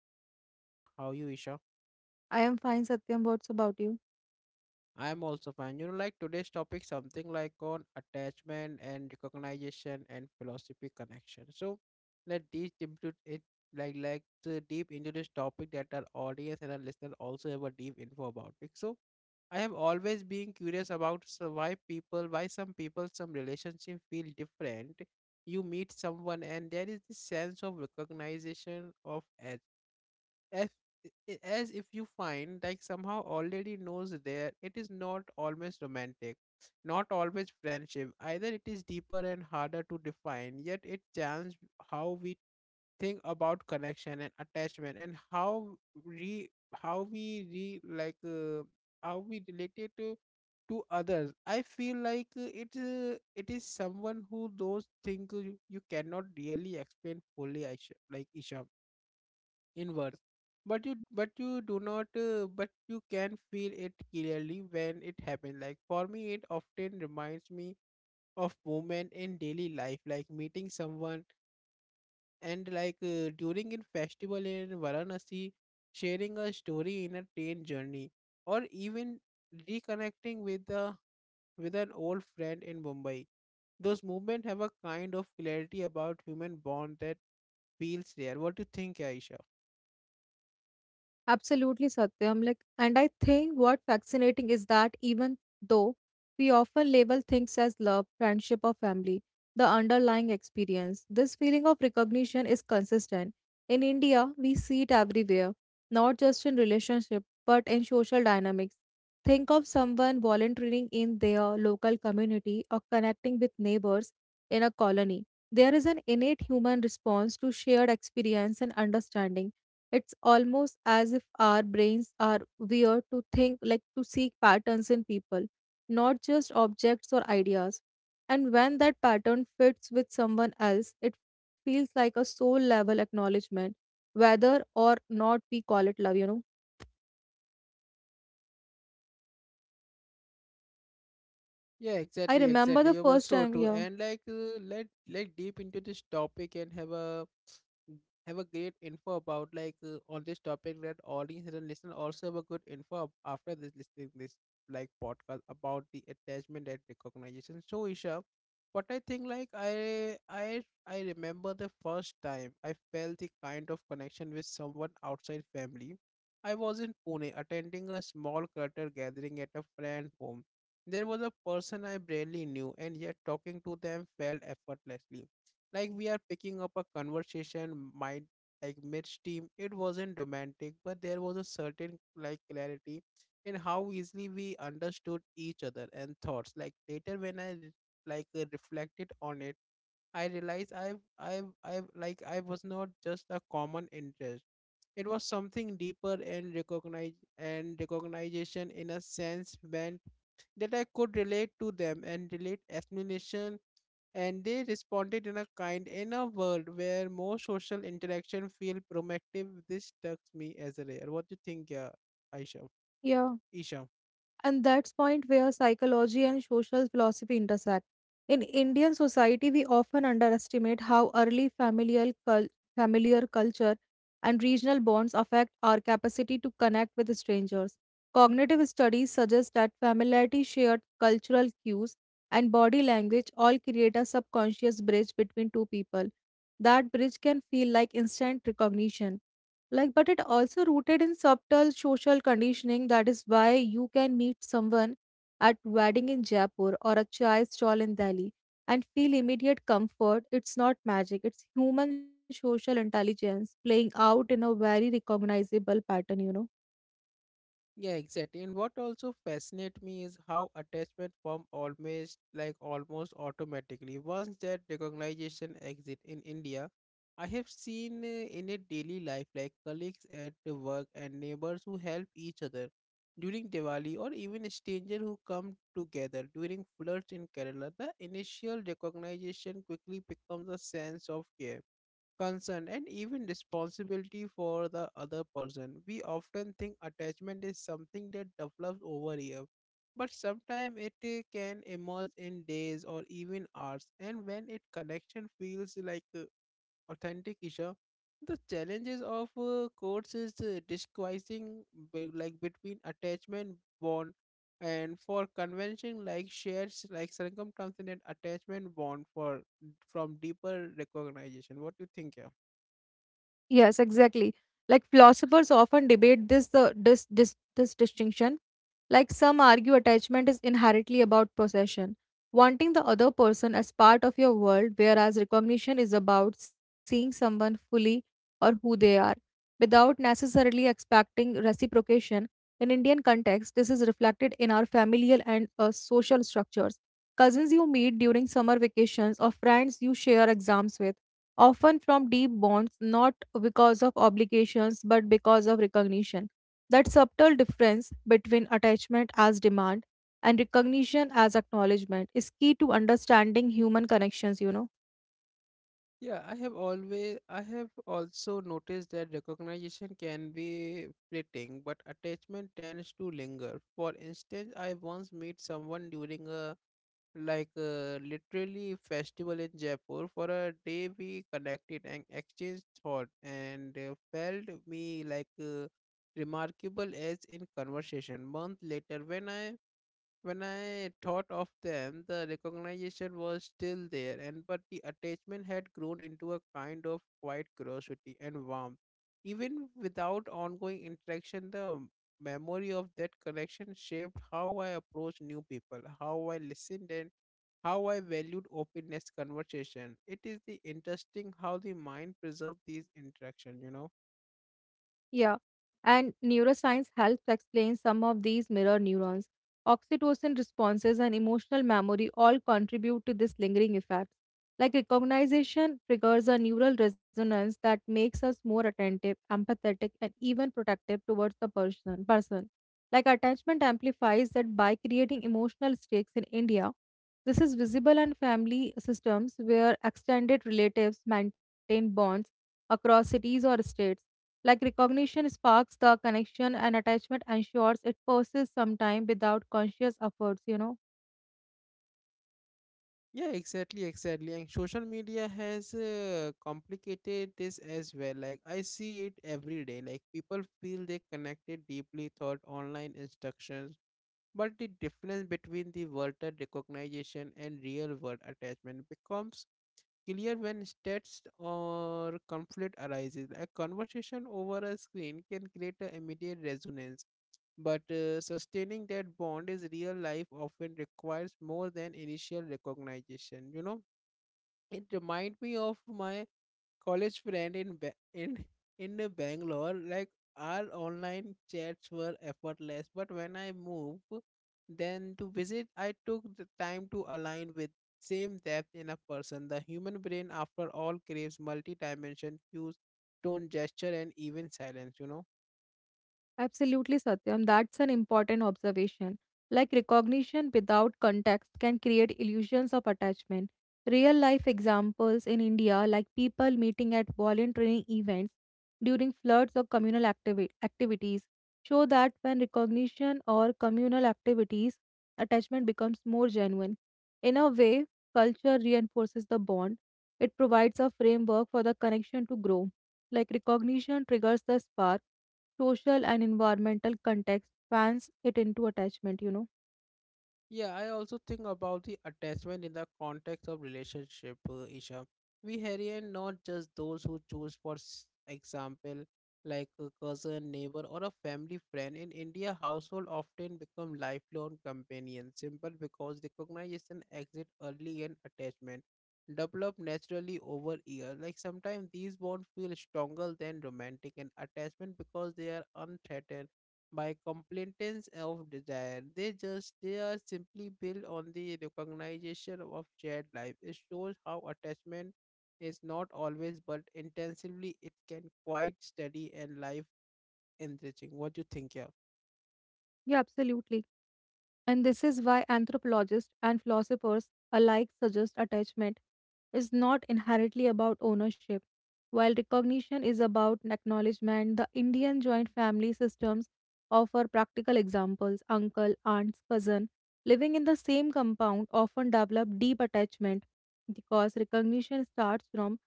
co-host Isha. How are you, Isha? I am fine, Satyam. What's about you? I am also fine. You know, like, today's topic something like on attachment and recognition and philosophy connection. So let these deep into it, like to deep into this topic that our audience and our listener also have a deep info about it. So I have always been curious about, so why people, why some people, some relationship feel different. You meet someone and there is this sense of recognition of, as, as if you find like somehow already knows there. It is not always romantic, not always friendship either. It is deeper and harder to define, yet it changes how we think about connection and attachment, and how re, how we re, like uh, how we relate it to others. I feel like, it, it is someone who those things, you cannot really explain fully. Like, Isha, inwards, but you do not, but you can feel it clearly when it happens. Like for me, it often reminds me of movement in daily life, like meeting someone and during a festival in Varanasi, sharing a story in a train journey, or even reconnecting with a, with an old friend in Mumbai. Those movements have a kind of clarity about human bond that feels rare. What do you think, Aisha? Absolutely, Satyam. And I think what fascinating is that even though we often label things as love, friendship, or family, the underlying experience, this feeling of recognition is consistent. In India, we see it everywhere, not just in relationship, but in social dynamics. Think of someone volunteering in their local community or connecting with neighbors in a colony. There is an innate human response to shared experience and understanding. It's almost as if our brains are wired to think, to seek patterns in people, not just objects or ideas. And when that pattern fits with someone else, it feels like a soul level acknowledgement, whether or not we call it love, you know. Yeah, I exactly, remember exactly. the You were first so time, true. yeah, And, let deep into this topic and have a, have a great info about on this topic that audience and listener also have a good info after this listening this like podcast about the attachment and recognition. So, Isha, what I think, like, I remember the first time I felt the kind of connection with someone outside family. I was in Pune attending a small clutter gathering at a friend's home. There was a person I barely knew, and yet talking to them felt effortlessly, like we are picking up a conversation mind, like midstream. It wasn't romantic, but there was a certain like clarity in how easily we understood each other and thoughts. Like later when I reflected on it, I realized I've like I was not just a common interest. It was something deeper, and recognize, and recognition in a sense meant that I could relate to them and relate explanation, and they responded in a kind. In a world where more social interaction feel proactive, this struck me as rare. What do you think, yeah, Aisha? yeah. Isha? And that's point where psychology and social philosophy intersect. In Indian society, we often underestimate how early familiar culture and regional bonds affect our capacity to connect with strangers. Cognitive studies suggest that familiarity, shared cultural cues, and body language all create a subconscious bridge between two people. That bridge can feel like instant recognition, like but it also rooted in subtle social conditioning. That is why you can meet someone at wedding in Jaipur or a chai stall in Delhi and feel immediate comfort. It's not magic, it's human social intelligence playing out in a very recognizable pattern, you know. Yeah, exactly. And what also fascinates me is how attachment form almost like almost automatically. Once that recognition exit in India, I have seen, in a daily life, like colleagues at the work and neighbors who help each other during Diwali, or even a stranger who come together during floods in Kerala. The initial recognition quickly becomes a sense of care, concern, and even responsibility for the other person. We often think attachment is something that develops over years, but sometimes it, can emerge in days or even hours. And when it connection feels like, authentic issue, the challenges of, courts is, disguising, like between attachment bond and for convention, like shares like circumstance and attachment bond for from deeper recognition. What do you think? Yeah? Yes, exactly. Like philosophers often debate this the this this this distinction. Like some argue attachment is inherently about possession, wanting the other person as part of your world, whereas recognition is about seeing someone fully or who they are, without necessarily expecting reciprocation. In Indian context, this is reflected in our familial and social structures. Cousins you meet during summer vacations or friends you share exams with often from deep bonds, not because of obligations, but because of recognition. That subtle difference between attachment as demand and recognition as acknowledgement is key to understanding human connections, you know. Yeah, I have always, I have also noticed that recognition can be fleeting, but attachment tends to linger. For instance, I once met someone during a, like, a literally festival in Jaipur. For a day, we connected and exchanged thought, and, felt me like, remarkable as in conversation. Month later, when I, when I thought of them, the recognition was still there, and but the attachment had grown into a kind of quiet curiosity and warmth. Even without ongoing interaction, the memory of that connection shaped how I approached new people, how I listened, and how I valued openness conversation. It is the interesting how the mind preserves these interactions, you know. Yeah, and neuroscience helps explain some of these mirror neurons. Oxytocin responses and emotional memory all contribute to this lingering effect. Like recognition triggers a neural resonance that makes us more attentive, empathetic, and even protective towards the person. Like attachment amplifies that by creating emotional stakes in India. This is visible in family systems where extended relatives maintain bonds across cities or states. Like recognition sparks the connection and attachment ensures it persists sometime without conscious efforts, you know. Yeah, exactly, exactly. And social media has, complicated this as well. Like I see it every day. Like people feel they connected deeply thought online instructions, but the difference between the virtual recognition and real world attachment becomes clear when stats or conflict arises. A conversation over a screen can create an immediate resonance, but, sustaining that bond is real life often requires more than initial recognition. You know, it remind me of my college friend in Bangalore. Like our online chats were effortless, but when I moved, then to visit, I took the time to align with same depth in a person. The human brain, after all, craves multi-dimension cues, tone, gesture, and even silence. You know. Absolutely, Satyam. That's an important observation. Like recognition without context can create illusions of attachment. Real life examples in India, like people meeting at volunteering events during floods or communal activities, show that when recognition or communal activities, attachment becomes more genuine. In a way, culture reinforces the bond, it provides a framework for the connection to grow. Like recognition triggers the spark, social and environmental context fans it into attachment, you know. Yeah, I also think about the attachment in the context of relationship, Isha. We harass not just those who choose, for example, like a cousin, neighbor, or a family friend. In India, household often become lifelong companions, simple because recognition exit early and attachment develop naturally over years. Like sometimes these bonds feel stronger than romantic and attachment because they are unthreatened by complainants of desire. They are simply built on the recognition of shared life. It shows how attachment is not always but intensively it can quite steady and life enriching. What do you think, yeah? Yeah, absolutely. And this is why anthropologists and philosophers alike suggest attachment is not inherently about ownership. While recognition is about acknowledgement, the Indian joint family systems offer practical examples. Uncle, aunts, cousin living in the same compound often develop deep attachment because recognition starts from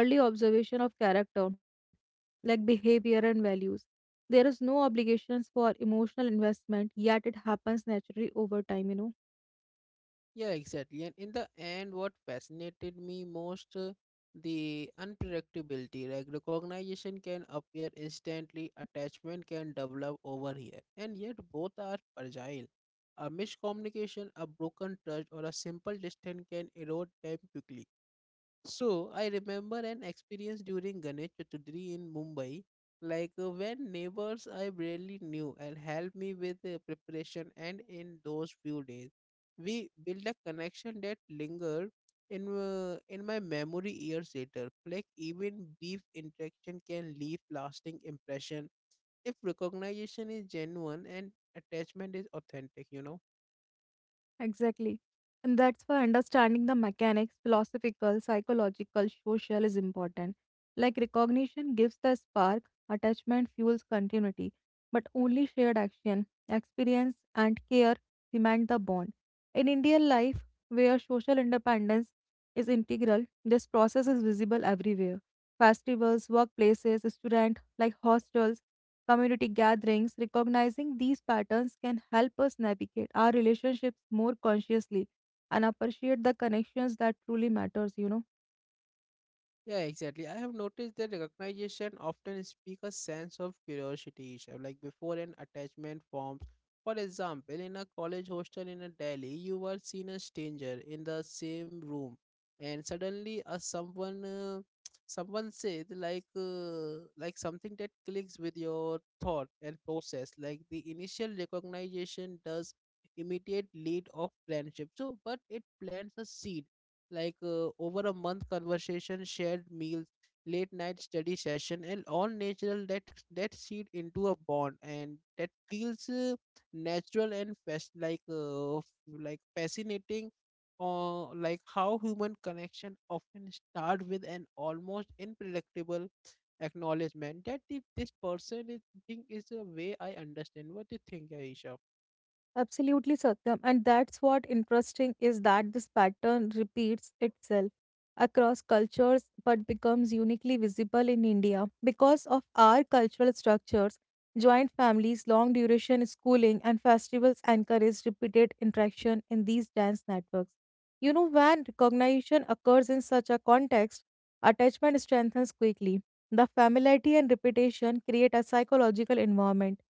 early observation of character, like behavior and values. There is no obligations for emotional investment, yet it happens naturally over time, you know. Yeah, exactly. And in the end, what fascinated me most, the unpredictability. Like recognition can appear instantly, attachment can develop over here, and yet both are fragile. A miscommunication, a broken trust, or a simple distance can erode them quickly. So I remember an experience during Ganesh Chaturthi in Mumbai, when neighbors I barely knew and helped me with the preparation. And in those few days, we built a connection that lingered in, in my memory years later. Like even brief interaction can leave lasting impression if recognition is genuine and attachment is authentic. You know. Exactly. And that's why understanding the mechanics, philosophical, psychological, social is important. Like recognition gives the spark, attachment fuels continuity, but only shared action, experience, and care cement the bond. In Indian life, where social independence is integral, this process is visible everywhere. Festivals, workplaces, student like hostels, community gatherings, recognizing these patterns can help us navigate our relationships more consciously and appreciate the connections that truly matters, you know. Yeah, exactly. I have noticed that recognition often speaks a sense of curiosity, Isha, like before an attachment forms. For example, in a college hostel in a Delhi, you were seen a stranger in the same room, and suddenly a someone, someone said like, like something that clicks with your thought and process. Like the initial recognition does immediate lead of friendship. So, but it plants a seed, over a month conversation, shared meals, late night study session, and all natural that, that seed into a bond, and that feels, natural and fast, like fascinating, or like how human connection often start with an almost unpredictable acknowledgement that if this person is thing is a way I understand. What do you think, Aisha? Absolutely, Satyam. And that's what interesting is that this pattern repeats itself across cultures but becomes uniquely visible in India because of our cultural structures. Joint families, long duration schooling, and festivals encourage repeated interaction in these dance networks. You know, when recognition occurs in such a context, attachment strengthens quickly. The familiarity and repetition create a psychological environment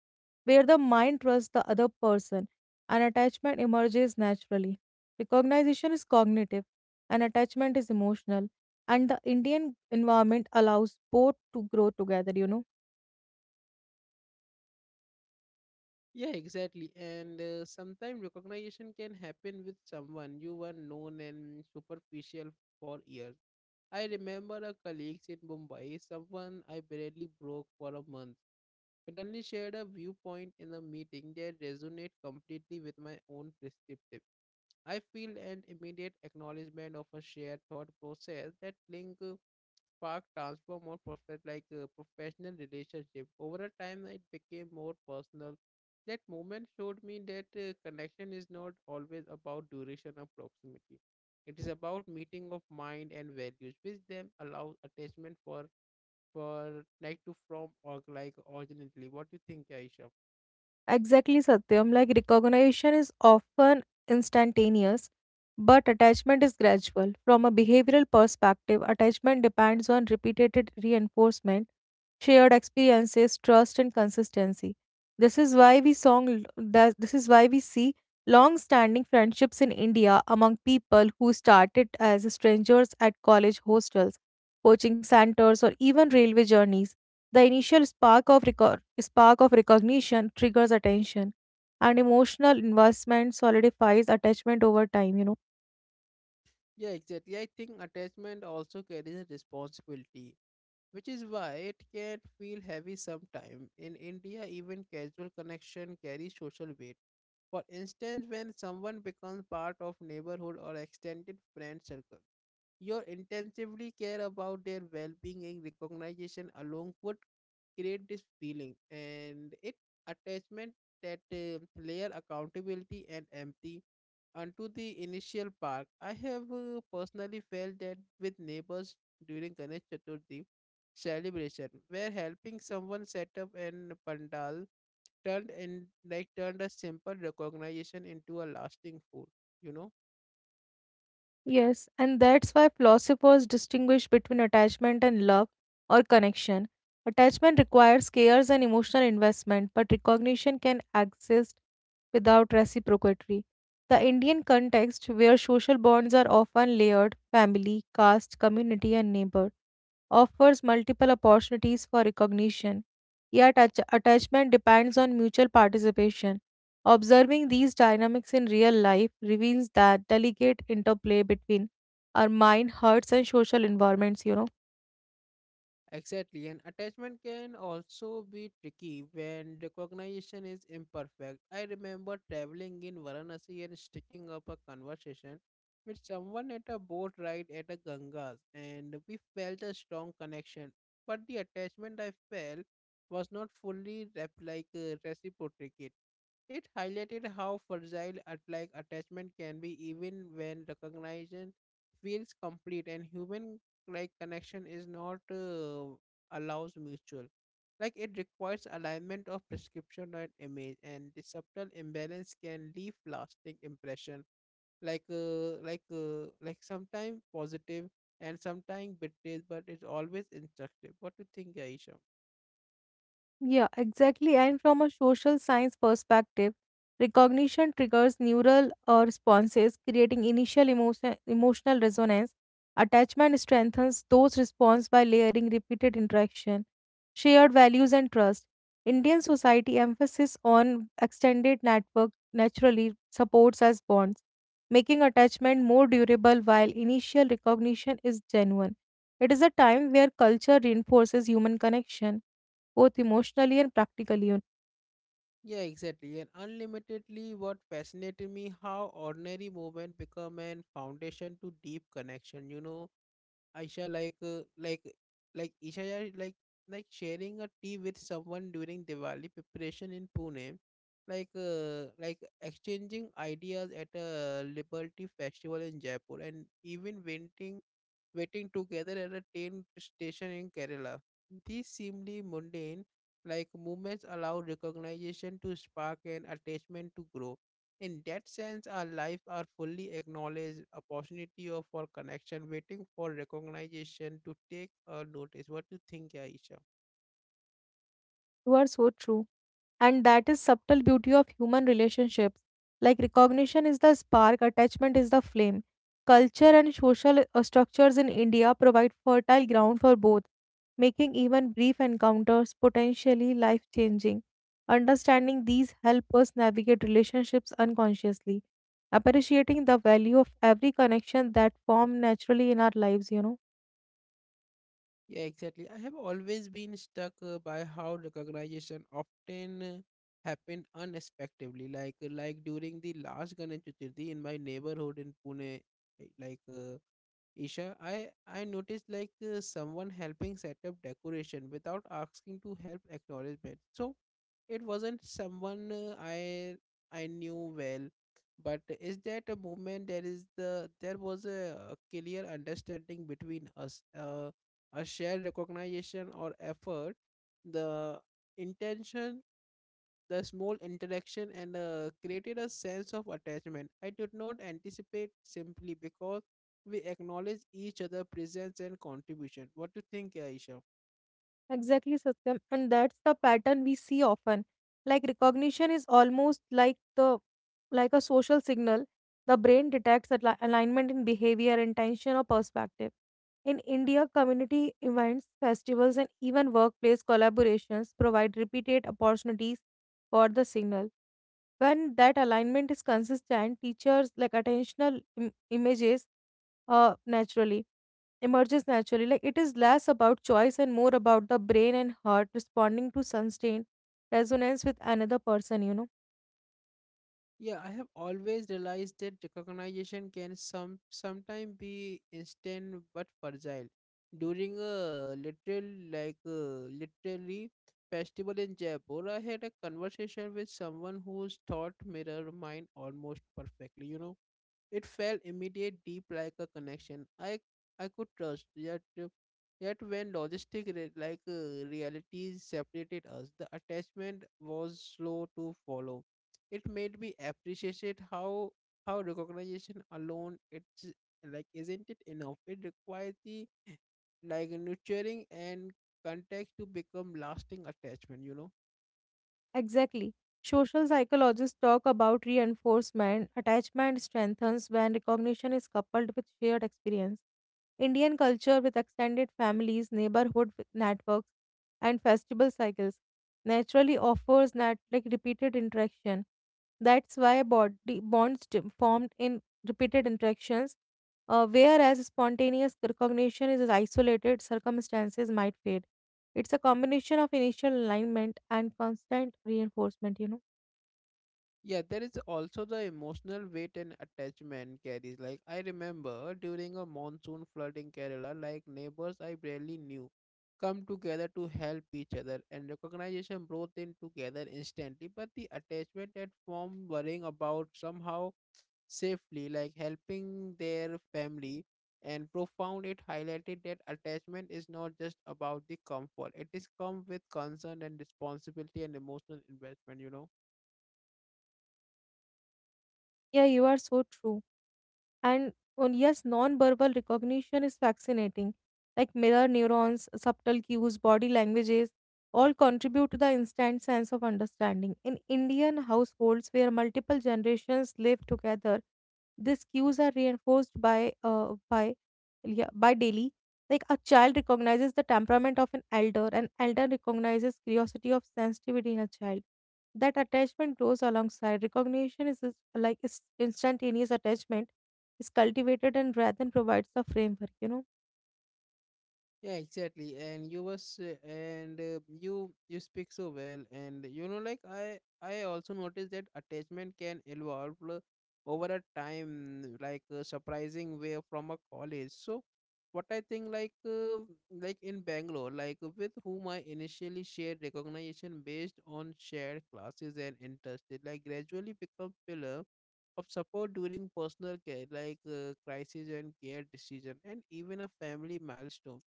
where the mind trusts the other person and attachment emerges naturally. Recognition is cognitive, and attachment is emotional, and the Indian environment allows both to grow together, you know. Yeah, exactly. And, sometimes recognition can happen with someone you were known and superficial for years. I remember a colleague in Mumbai, someone I barely broke for a month, suddenly shared a viewpoint in a meeting that resonated completely with my own perspective. I feel an immediate acknowledgement of a shared thought process that link, spark transformed more prospect, like a professional relationship. Over a time, it became more personal. That moment showed me that, connection is not always about duration or proximity. It is about meeting of mind and values, which then allows attachment for like to from, or like originally. What do you think, Aisha? Exactly, Satyam. Like recognition is often instantaneous, but attachment is gradual. From a behavioral perspective, attachment depends on repeated reinforcement, shared experiences, trust, and consistency. This is why we song that this is why we see long-standing friendships in India among people who started as strangers at college hostels, coaching centers, or even railway journeys. The initial spark of recognition triggers attention, and emotional investment solidifies attachment over time, you know. Yeah, exactly. I think attachment also carries a responsibility, which is why it can feel heavy sometimes. In India, even casual connection carries social weight. For instance, when someone becomes part of neighborhood or extended friend circle, you intensively care about their well-being, and recognition along would create this feeling, and it attachment that, layer accountability and empathy onto the initial park. I have, personally felt that with neighbors during Ganesh Chaturthi celebration, where helping someone set up an pandal turned in, like turned a simple recognition into a lasting food. You know. Yes, and that's why philosophers distinguish between attachment and love or connection. Attachment requires cares and emotional investment, but recognition can exist without reciprocity. The Indian context, where social bonds are often layered family, caste, community, and neighbor, offers multiple opportunities for recognition, yet attachment depends on mutual participation. Observing these dynamics in real life reveals that delicate interplay between our mind, hearts, and social environments, you know. Exactly. And attachment can also be tricky when recognition is imperfect. I remember traveling in Varanasi and sticking up a conversation with someone at a boat ride at a Gangas, and we felt a strong connection, but the attachment I felt was not fully reciprocated. It highlighted how fragile at like attachment can be even when recognition feels complete, and human like connection is not, allows mutual. Like it requires alignment of prescription and image, and the subtle imbalance can leave lasting impression, like sometimes positive and sometimes betrayed, but it's always instructive. What do you think, Aisha? Yeah, exactly. And from a social science perspective, recognition triggers neural responses, creating initial emotional resonance. Attachment strengthens those responses by layering repeated interaction, shared values, and trust. Indian society emphasis on extended network naturally supports as bonds, making attachment more durable while initial recognition is genuine. It is a time where culture reinforces human connection both emotionally and practically, you know. Yeah, exactly. And unlimitedly, what fascinated me how ordinary movement become an foundation to deep connection. Aisha like Isha, yeah, like sharing a tea with someone during Diwali preparation in Pune, like exchanging ideas at a Liberty Festival in Jaipur, and even venting waiting together at a train station in Kerala. These seemingly mundane movements allow recognition to spark and attachment to grow. In that sense, our lives are fully acknowledged opportunity of for connection, waiting for recognition to take a notice. What do you think, Aisha? You are so true. And that is subtle beauty of human relationships. Like recognition is the spark, attachment is the flame. Culture and social structures in India provide fertile ground for both, making even brief encounters potentially life changing. Understanding these help us navigate relationships unconsciously, appreciating the value of every connection that form naturally in our lives, you know. Yeah, exactly. I have always been stuck by how recognition often happened unexpectedly. Like during the last Ganesh Chaturthi in my neighborhood in Pune, eh, like uh, Isha, I noticed someone helping set up decoration without asking to help acknowledgement. So it wasn't someone I knew well, but is that a moment, there is there was a, clear understanding between us, a shared recognition or effort, the intention, the small interaction, and created a sense of attachment I did not anticipate simply because we acknowledge each other presence and contribution. What do you think, Aisha? Exactly, Satyam. And that's the pattern we see often. Like recognition is almost like a social signal. The brain detects alignment in behavior, intention, or perspective. In India, community events, festivals, and even workplace collaborations provide repeated opportunities for the signal. When that alignment is consistent, teachers like attentional Im- images naturally emerges naturally. Like it is less about choice and more about the brain and heart responding to sustained resonance with another person, you know. Yeah, I have always realized that recognition can sometimes be instant but fragile. During a literal, literally festival in Jaipur, I had a conversation with someone whose thought mirrored mine almost perfectly. You know, it felt immediate, deep, like a connection I could trust. Yet when logistic realities separated us, the attachment was slow to follow. It made me appreciate how recognition alone it's like isn't it enough? It requires the like nurturing and context to become lasting attachment. You know. Exactly. Social psychologists talk about reinforcement. Attachment strengthens when recognition is coupled with shared experience. Indian culture with extended families, neighborhood with networks, and festival cycles naturally offers that like repeated interaction. That's why body formed in repeated interactions, whereas spontaneous recognition is isolated, circumstances might fade. It's a combination of initial alignment and constant reinforcement, you know. Yeah, there is also the emotional weight and attachment carries. Like I remember during a monsoon flood in Kerala, like neighbors I barely knew come together to help each other, and recognition brought them together instantly. But the attachment that formed, worrying about somehow safely, like helping their family and profound, it highlighted that attachment is not just about the comfort. It is come with concern and responsibility and emotional investment, you know. Yeah, you are so true. And on yes, non-verbal recognition is fascinating. Like mirror neurons, subtle cues, body languages, all contribute to the instant sense of understanding. In Indian households where multiple generations live together, these cues are reinforced by daily. Like a child recognizes the temperament of an elder recognizes curiosity of sensitivity in a child that attachment grows alongside recognition is instantaneous. Attachment is cultivated and rather than provides the framework, you know. Yeah, exactly. And you was and you speak so well, and you know, like I also noticed that attachment can evolve over a time, like a surprising way from a college. So, what I think, like in Bangalore, like with whom I initially shared recognition based on shared classes and interests, it like gradually become pillar of support during personal care, crisis and care decision, and even a family milestone.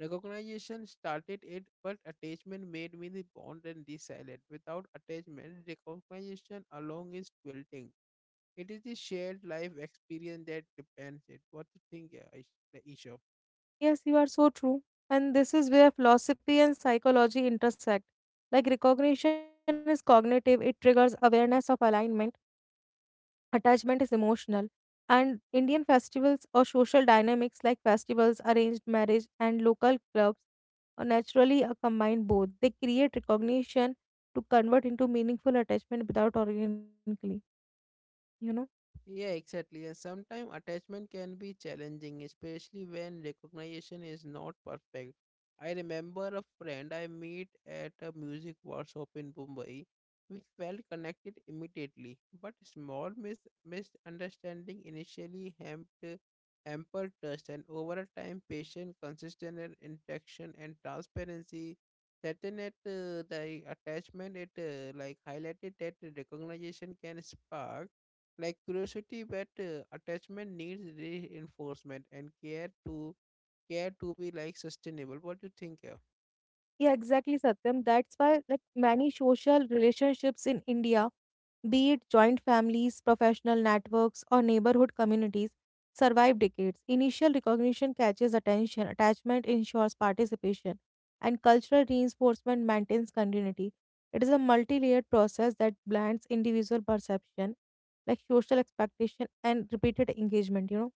Recognition started it, but attachment made me the bond and the silent. Without attachment, recognition alone is quilting. It is the shared life experience that depends it. What do you think, Aish- the Isha? Yes, you are so true. And this is where philosophy and psychology intersect. Like recognition is cognitive, it triggers awareness of alignment, attachment is emotional. And Indian festivals or social dynamics like festivals, arranged marriage, and local clubs or naturally combine both. They create recognition to convert into meaningful attachment without organically, you know. Yeah, exactly. And sometimes attachment can be challenging, especially when recognition is not perfect. I remember a friend I meet at a music workshop in Mumbai. We felt connected immediately, but small misunderstanding initially hampered trust, and over a time, patient, consistent and interaction and transparency. Certain at the attachment, it like highlighted that recognition can spark like curiosity, but attachment needs reinforcement and care to be like sustainable. What do you think here? Yeah, exactly, Satyam. That's why like many social relationships in India, be it joint families, professional networks, or neighborhood communities, survive decades. Initial recognition catches attention, attachment ensures participation, and cultural reinforcement maintains continuity. It is a multi-layered process that blends individual perception, like social expectation, and repeated engagement, you know.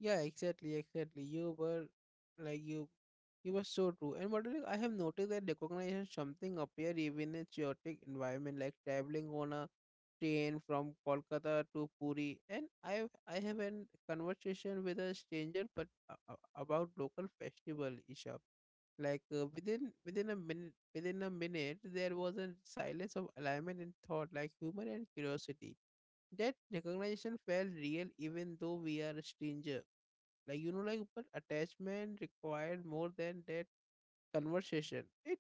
Yeah, exactly, exactly. Like you you were so true. And what do you- I have noticed that recognition something appear even in chaotic environment, like traveling on a train from Kolkata to Puri. And I have a conversation with a stranger, but about local festival, Isha. Within a minute, there was a silence of alignment and thought, like humor and curiosity. That recognition felt real, even though we are a stranger, but attachment required more than that conversation.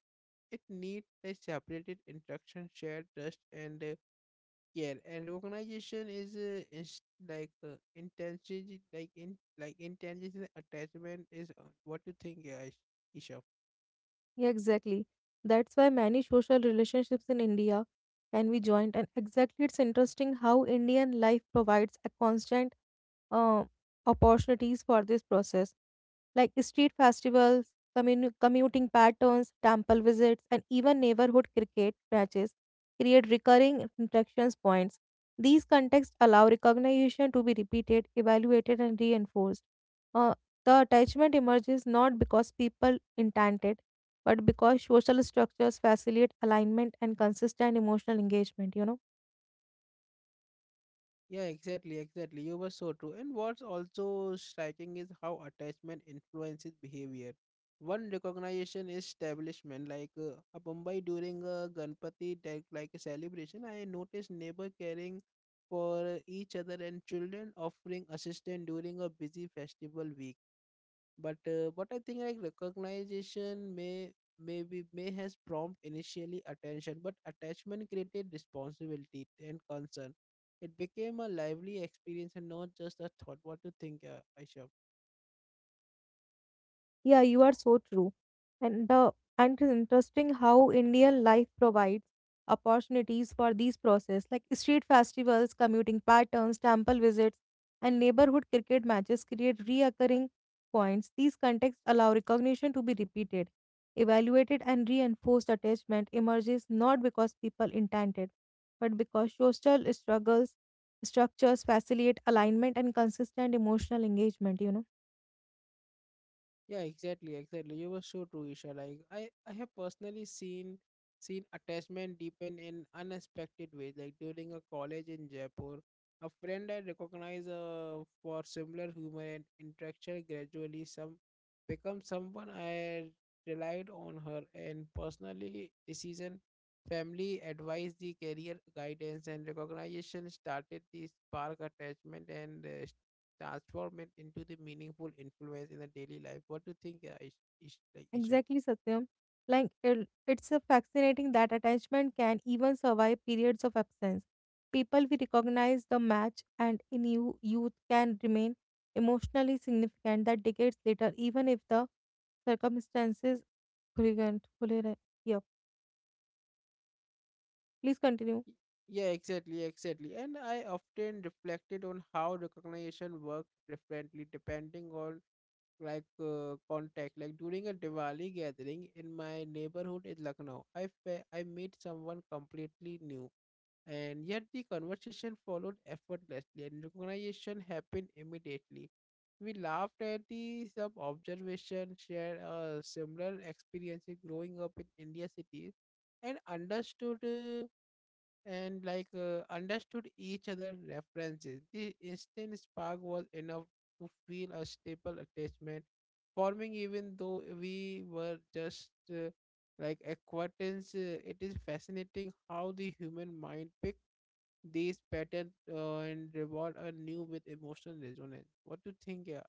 It need a separated interaction, shared trust, and care. And recognition is like intention like in like intention, attachment is what you think, guys? Isha? Yeah, exactly. That's why many social relationships in India can be joined, and exactly it's interesting how Indian life provides a constant uh, opportunities for this process, like street festivals, commuting patterns, temple visits, and even neighborhood cricket matches create recurring interactions points. These contexts allow recognition to be repeated, evaluated, and reinforced. Uh, the attachment emerges not because people intended, but because social structures facilitate alignment and consistent emotional engagement, you know. Yeah, exactly, exactly. You were so true. And what's also striking is how attachment influences behavior. One recognition is establishment, a Mumbai during a Ganpati, like a celebration. I noticed neighbor caring for each other and children offering assistance during a busy festival week, but I think like recognition may has prompt initially attention, but attachment created responsibility and concern. It became a lively experience and not just a thought. What do you think, Aisha? Yeah, you are so true. And the and it is interesting how Indian life provides opportunities for these process like street festivals, commuting patterns, temple visits, and neighborhood cricket matches create reoccurring points. These contexts allow recognition to be repeated, evaluated, and reinforced. Attachment emerges not because people intended, but because social struggles structures facilitate alignment and consistent emotional engagement, you know. Yeah, exactly, exactly. You were so true, Isha. Like I have personally seen attachment deepen in unexpected ways. Like during a college in Jaipur, a friend I recognize for similar humor and interaction gradually some become someone I relied on her and personally decision, family advice, the career guidance. And recognition started the spark attachment and transform it into the meaningful influence in the daily life. What do you think, Isham? Exactly, Satyam. Like it's a fascinating that attachment can even survive periods of absence. People we recognize the match and in youth can remain emotionally significant that decades later, even if the circumstances. खुली गंठ- खुले रहे- Yeah, please continue. Y- Yeah, exactly, exactly. And I often reflected on how recognition worked differently depending on contact. Like during a Diwali gathering in my neighborhood in Lucknow, I met someone completely new, and yet the conversation followed effortlessly and recognition happened immediately. We laughed at the sub observation, shared a similar experience in growing up in India cities, and understood and like understood each other references. The instant spark was enough to feel a stable attachment forming, even though we were just acquaintance. It is fascinating how the human mind picks these pattern and reward are new with emotional resonance. What do you think,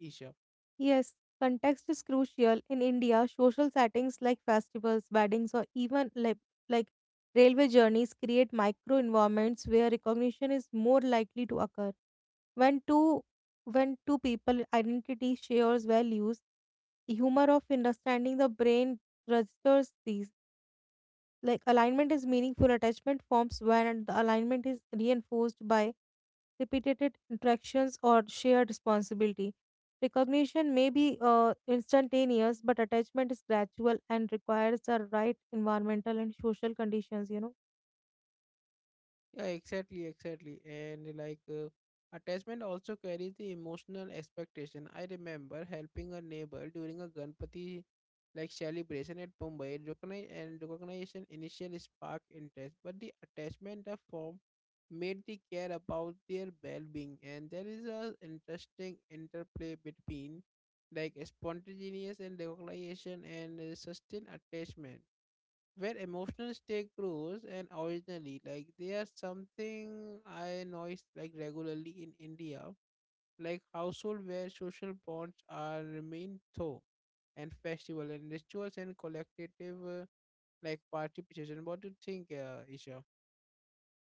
Isha? Yes, context is crucial. In India, social settings like festivals, weddings, or even like railway journeys create micro environments where recognition is more likely to occur. When two when two people identity shares values, humor of understanding the brain registers these. Like alignment is meaningful attachment forms when the alignment is reinforced by repeated interactions or shared responsibility. Recognition may be instantaneous, but attachment is gradual and requires the right environmental and social conditions. Yeah, exactly, exactly. And attachment also carries the emotional expectation. I remember helping a neighbor during a Ganpati like celebration at Mumbai, recogni- and recognition initially sparked interest, but the attachment of form made the care about their well-being. And there is a interesting interplay between like spontaneous and recognition and sustained attachment where emotional stake grows. And originally, like there's something I notice like regularly in India, like household where social bonds are remain though, and festival and rituals and collective participation. What do you think, Isha?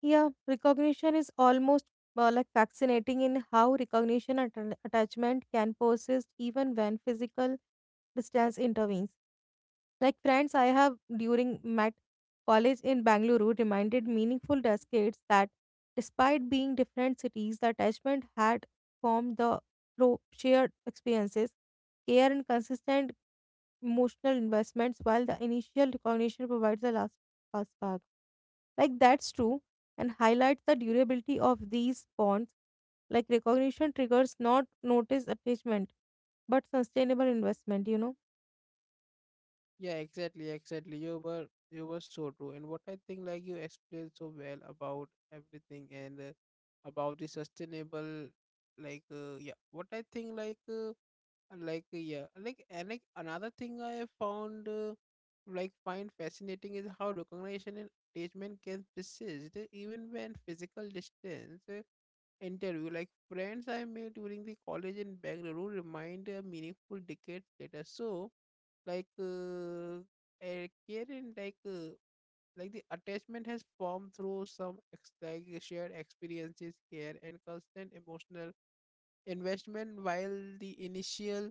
Yeah, recognition is almost like fascinating in how recognition and attachment can persist even when physical distance intervenes. Like friends I have during met college in Bangalore who reminded meaningful decades that despite being different cities, the attachment had formed the through shared experiences, care and consistent emotional investments while the initial recognition provides the last spark. Like that's true and highlights the durability of these bonds. Like recognition triggers not notice attachment but sustainable investment. Yeah, exactly, exactly. You were so true. And what I think, like you explained so well about everything, and about the sustainable, yeah, what I think, and like yeah like and like another thing I have found, find fascinating is how recognition and attachment can persist, even when physical distance interview. Like friends I made during the college in Bangalore remind a meaningful decades later. So like uh, Karen, like the attachment has formed through some ex- like shared experiences, care, and constant emotional investment, while the initial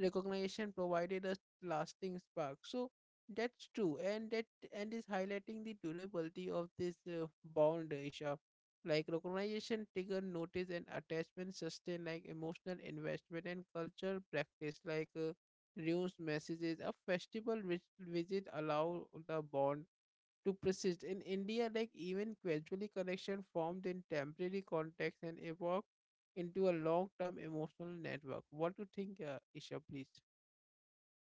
recognition provided a lasting spark. So that's true, and that and is highlighting the durability of this bond, Isha. Like recognition, trigger notice, and attachment sustain like emotional investment and cultural practice, news messages. A festival which visit allow the bond to persist. In India, like even gradually connection formed in temporary context and evolved into a long-term emotional network. What do you think, Isha, please?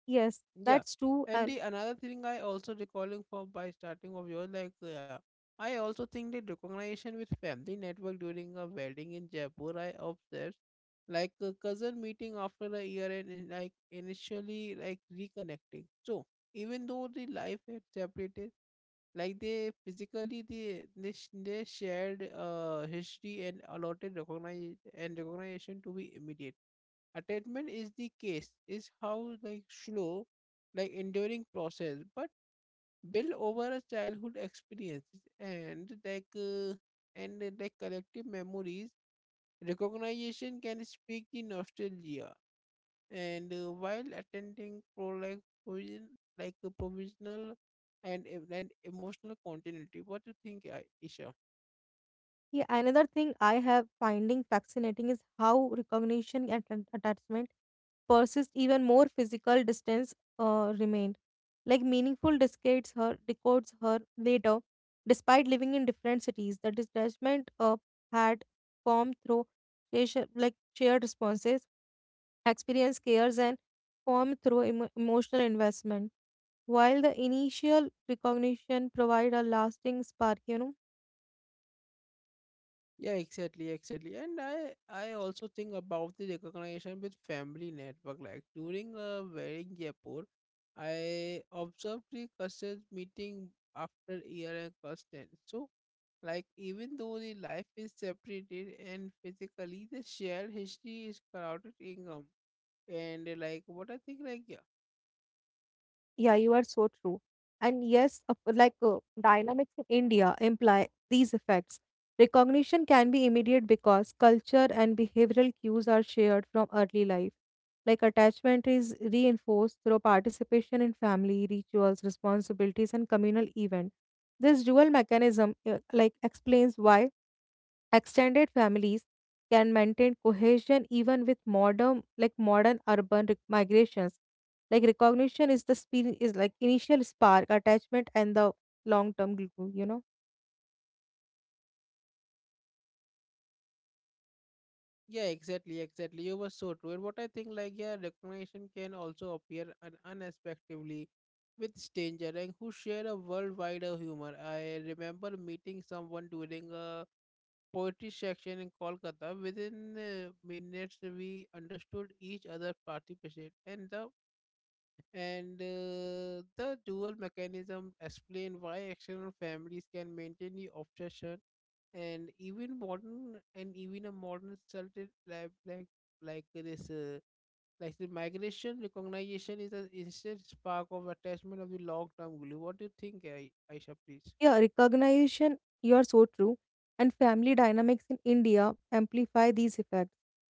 Yes, Yeah. that's true And and the another thing I also recalling from by starting of yours, like yeah, I also think the recognition with family network during a wedding in Jaipur, I observed like a cousin meeting after a year and in, like initially like reconnecting. So even though the life had separated, like they physically they shared history and allotted recognize and recognition to be immediate. Attachment is the case is how like slow, like enduring process, but built over a childhood experiences and like collective memories. Recognition can speak the nostalgia and while attending provision, like a provisional and emotional continuity. What do you think, Isha? yeah, another thing I have finding fascinating is how recognition and attachment persist even more physical distance remained. Like meaningful discards her decodes her later, despite living in different cities. The detachment had formed through like shared responses, experience, cares, and formed through emotional investment. While the initial recognition provide a lasting spark, Yeah, exactly, exactly. And I also think about the recognition with family network like during a wedding Jaipur. I observed the cousins meeting after year and constant. So like even though the life is separated and physically the shared history is crowded income, and like what I think like. Yeah, you are so true. And yes, dynamics in India imply these effects. Recognition can be immediate because culture and behavioral cues are shared from early life. Like attachment is reinforced through participation in family rituals, responsibilities, and communal events. This dual mechanism like explains why extended families can maintain cohesion even with modern urban migrations. Like recognition is the is like initial spark attachment and the long term glue. Yeah, exactly, exactly. You were so true. And what I think, like, yeah, recognition can also appear unexpectedly with stranger and who share a worldwide of humor. I remember meeting someone during a poetry section in Kolkata. Within minutes, we understood each other's participation, and the dual mechanism explain why external families can maintain the obsession, and even a modern sheltered, like this like the migration recognition is an instant spark of attachment of the long term glue. What do you think, I Aisha, please? Yeah, recognition, you are so true. And family dynamics in India amplify these effects.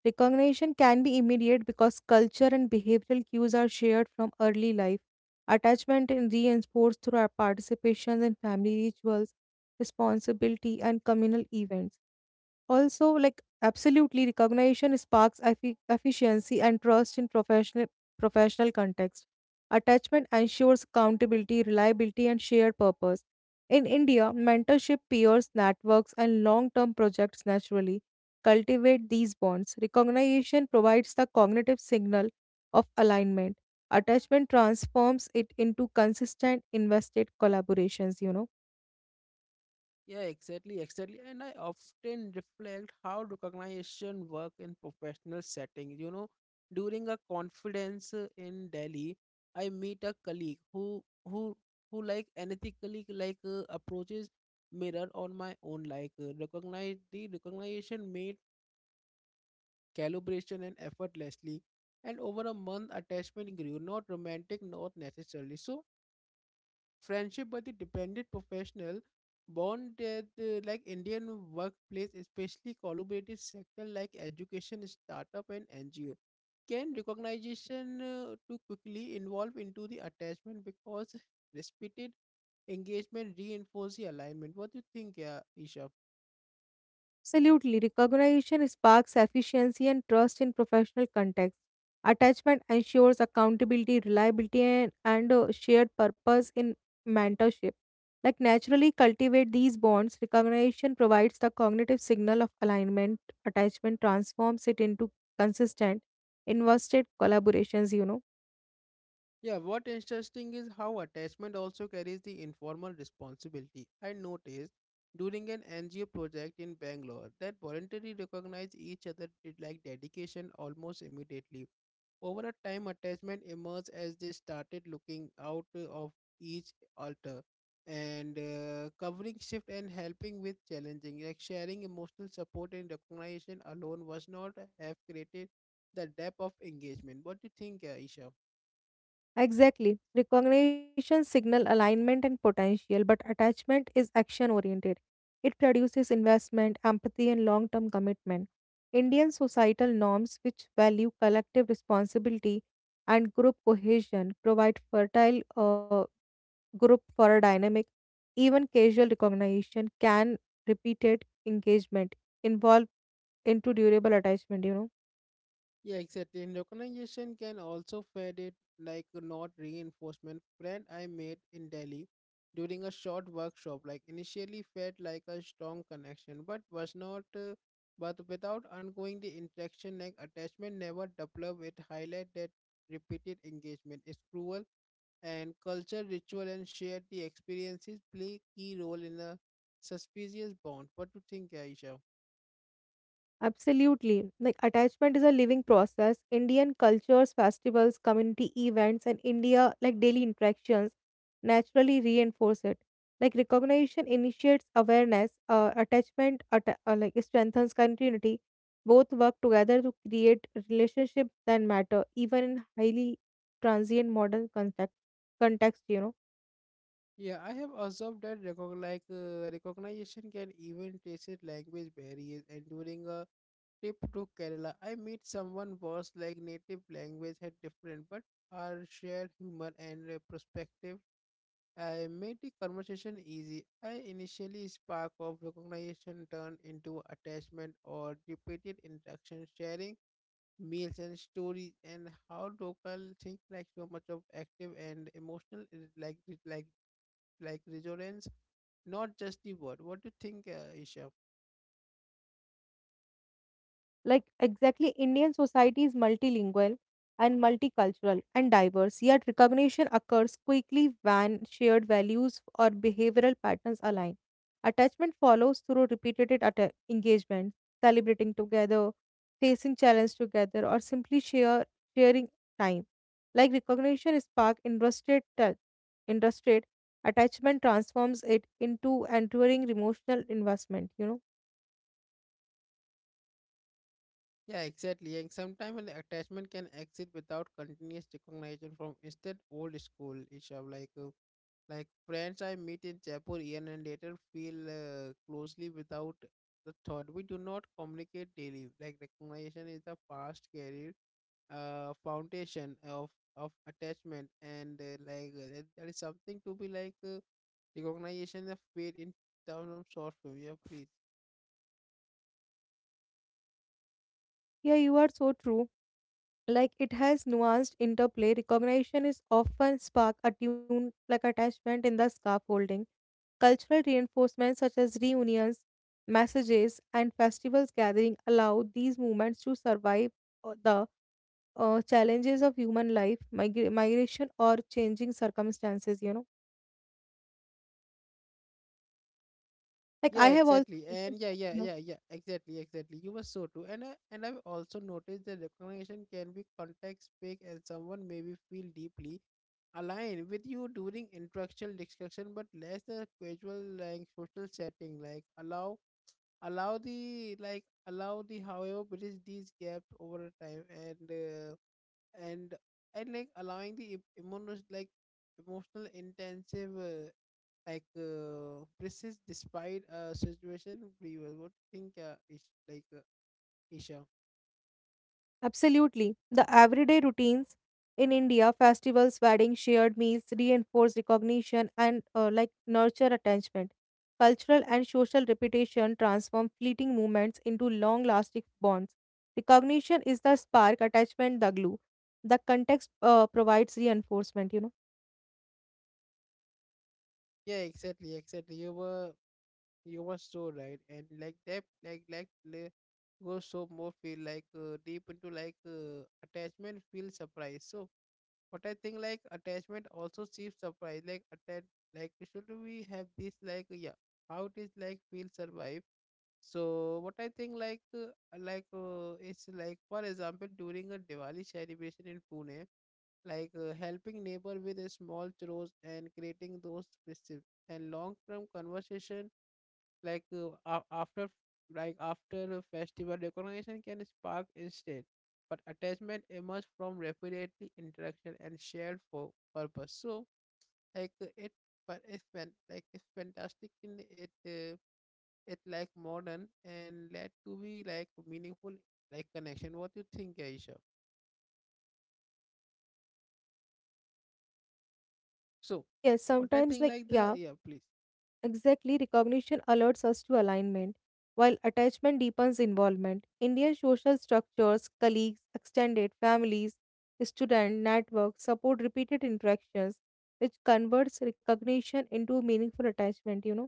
Recognition can be immediate because culture and behavioral cues are shared from early life. Attachment is reinforced through our participations in family rituals, responsibility, and communal events also like absolutely recognition sparks efficiency and trust in professional context attachment ensures accountability reliability and shared purpose in india mentorship peers networks and long term projects naturally cultivate these bonds recognition provides the cognitive signal of alignment attachment transforms it into consistent invested collaborations. Yeah, exactly, exactly. And I often reflect how recognition work in professional settings. You know, during a conference in Delhi, I meet a colleague who like unethically like approaches mirror on my own like recognize the recognition made calibration and effortlessly and over a month attachment grew not romantic not necessarily so friendship with the dependent professional bond at like Indian workplace, especially collaborative sector like education, startup, and NGO, can recognition too quickly involve into the attachment because repeated engagement reinforce the alignment. What do you think, Isha? Absolutely. Recognition sparks efficiency and trust in professional context. Attachment ensures accountability, reliability, and, shared purpose in mentorship. Like naturally cultivate these bonds, recognition provides the cognitive signal of alignment. Attachment transforms it into consistent, invested collaborations. Yeah, what interesting is how attachment also carries the informal responsibility. I noticed during an NGO project in Bangalore that voluntarily recognized each other did like dedication almost immediately. Over a time, attachment emerged as they started looking out of each altar and covering shift and helping with challenging. Like sharing emotional support and recognition alone was not have created the depth of engagement. What do you think, Isha? Exactly. Recognition signal alignment and potential, but attachment is action oriented. It produces investment, empathy, and long term commitment. Indian societal norms, which value collective responsibility and group cohesion, provide fertile group for a dynamic. Even casual recognition can repeated engagement involve into durable attachment. Yeah, exactly. And recognition can also fade it like a not reinforcement. Friend I made in Delhi during a short workshop, like initially felt like a strong connection, but was not. But without ongoing the interaction, like attachment never developed. It highlight that repeated engagement is cruel, and culture, ritual, and shared the experiences play key role in a suspicious bond. What do you think, Aisha? Absolutely. Like attachment is a living process. Indian cultures, festivals, community events, and India like daily interactions naturally reinforce it. Like recognition initiates awareness, attachment like strengthens continuity. Both work together to create relationship that matter, even in highly transient modern context. Context. Yeah, I have observed that like recognition can even traces language barriers. And during a trip to Kerala, I meet someone was like native language had different, but our shared humor and perspective made the conversation easy. I initially spark of recognition turned into attachment or repeated interaction, sharing meals and stories, and how local think like so much of active and emotional is like like like resonance, not just the word. What do you think, Isha? Like exactly, Indian society is multilingual and multicultural and diverse, yet recognition occurs quickly when shared values or behavioral patterns align. Attachment follows through repeated engagement, celebrating together, facing challenge together, or simply share sharing time. Like recognition spark interested attachment transforms it into enduring emotional investment. Yeah, exactly. And sometimes an attachment can exist without continuous recognition from instead old school, Isha. Like friends I meet in Jaipur year and later feel closely without the thought. We do not communicate daily. Like recognition is the past carrier foundation of attachment and like that is something to be like recognition of pain in terms of short film. Yeah, please. Yeah, you are so true. Like it has nuanced interplay recognition is often spark attuned like attachment in the scaffolding cultural reinforcements such as reunions messages and festivals gathering allow these movements to survive the challenges of human life migration or changing circumstances like Yeah, I have also exactly. And yeah, yeah, yeah, noticed. yeah, exactly, exactly. You were so true. And I, and I've also noticed that recognition can be context big and someone maybe feel deeply aligned with you during intellectual discussion, but less the casual like social setting. Like allow the however bridge these gaps over time and and and like allowing the emotional like emotional intensive like persist despite a situation previous what do you think Ish, like isha Absolutely. The everyday routines in India, festivals, weddings, shared meals, reinforce recognition and like nurture attachment. Cultural and social reputation transform fleeting moments into long lasting bonds. Recognition is the spark, attachment, the glue. The context provides reinforcement, yeah exactly exactly you were so right and like that like goes so more feel like deep into like attachment feel surprise so. But I think like attachment also seems surprise. Like attach like should we have this like yeah how it is like feel survive. So what I think like it's like for example during a Diwali celebration in Pune, like helping neighbor with a small chores and creating those festive and long term conversation like after like after a festival recognition can spark instead but attachment emerges from repeatedly interaction and shared for purpose so like it but it's fantastic in it it like modern and led to be like meaningful like connection what you think aisha so Yes, what I sometimes, think like, like yeah, the yeah please. exactly, recognition alerts us to alignment, while attachment deepens involvement. Indian social structures, colleagues, extended families, student networks support repeated interactions, which converts recognition into meaningful attachment. You know.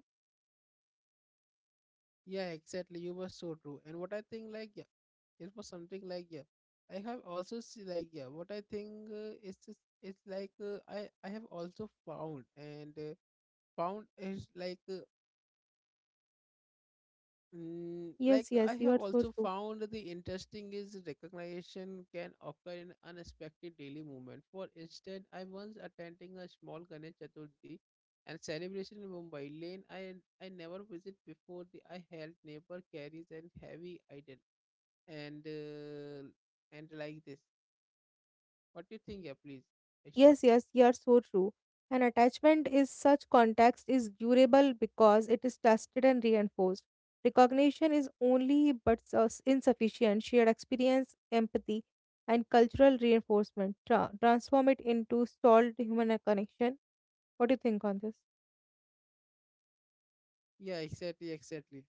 Yeah, exactly. You were so true. And what I think, like, yeah, it was something like, yeah, I have also see, like, yeah, what I think is just, it's like I have also found and found is like. Like Yes, yes, I you have are so also true. found the interesting is recognition can occur in unexpected daily movement. For instance, I once attending a small Ganesh Chaturthi and celebration in Mumbai lane I never visit before the I helped neighbor carries an heavy idol and uh, and like this. What do you think, yeah, please, Aisha? Yes, yes, you are so true. An attachment is such context is durable because it is tested and reinforced. Recognition is only but insufficient. Shared experience, empathy, and cultural reinforcement transform it into solid human connection. What do you think on this? Yeah, exactly, exactly.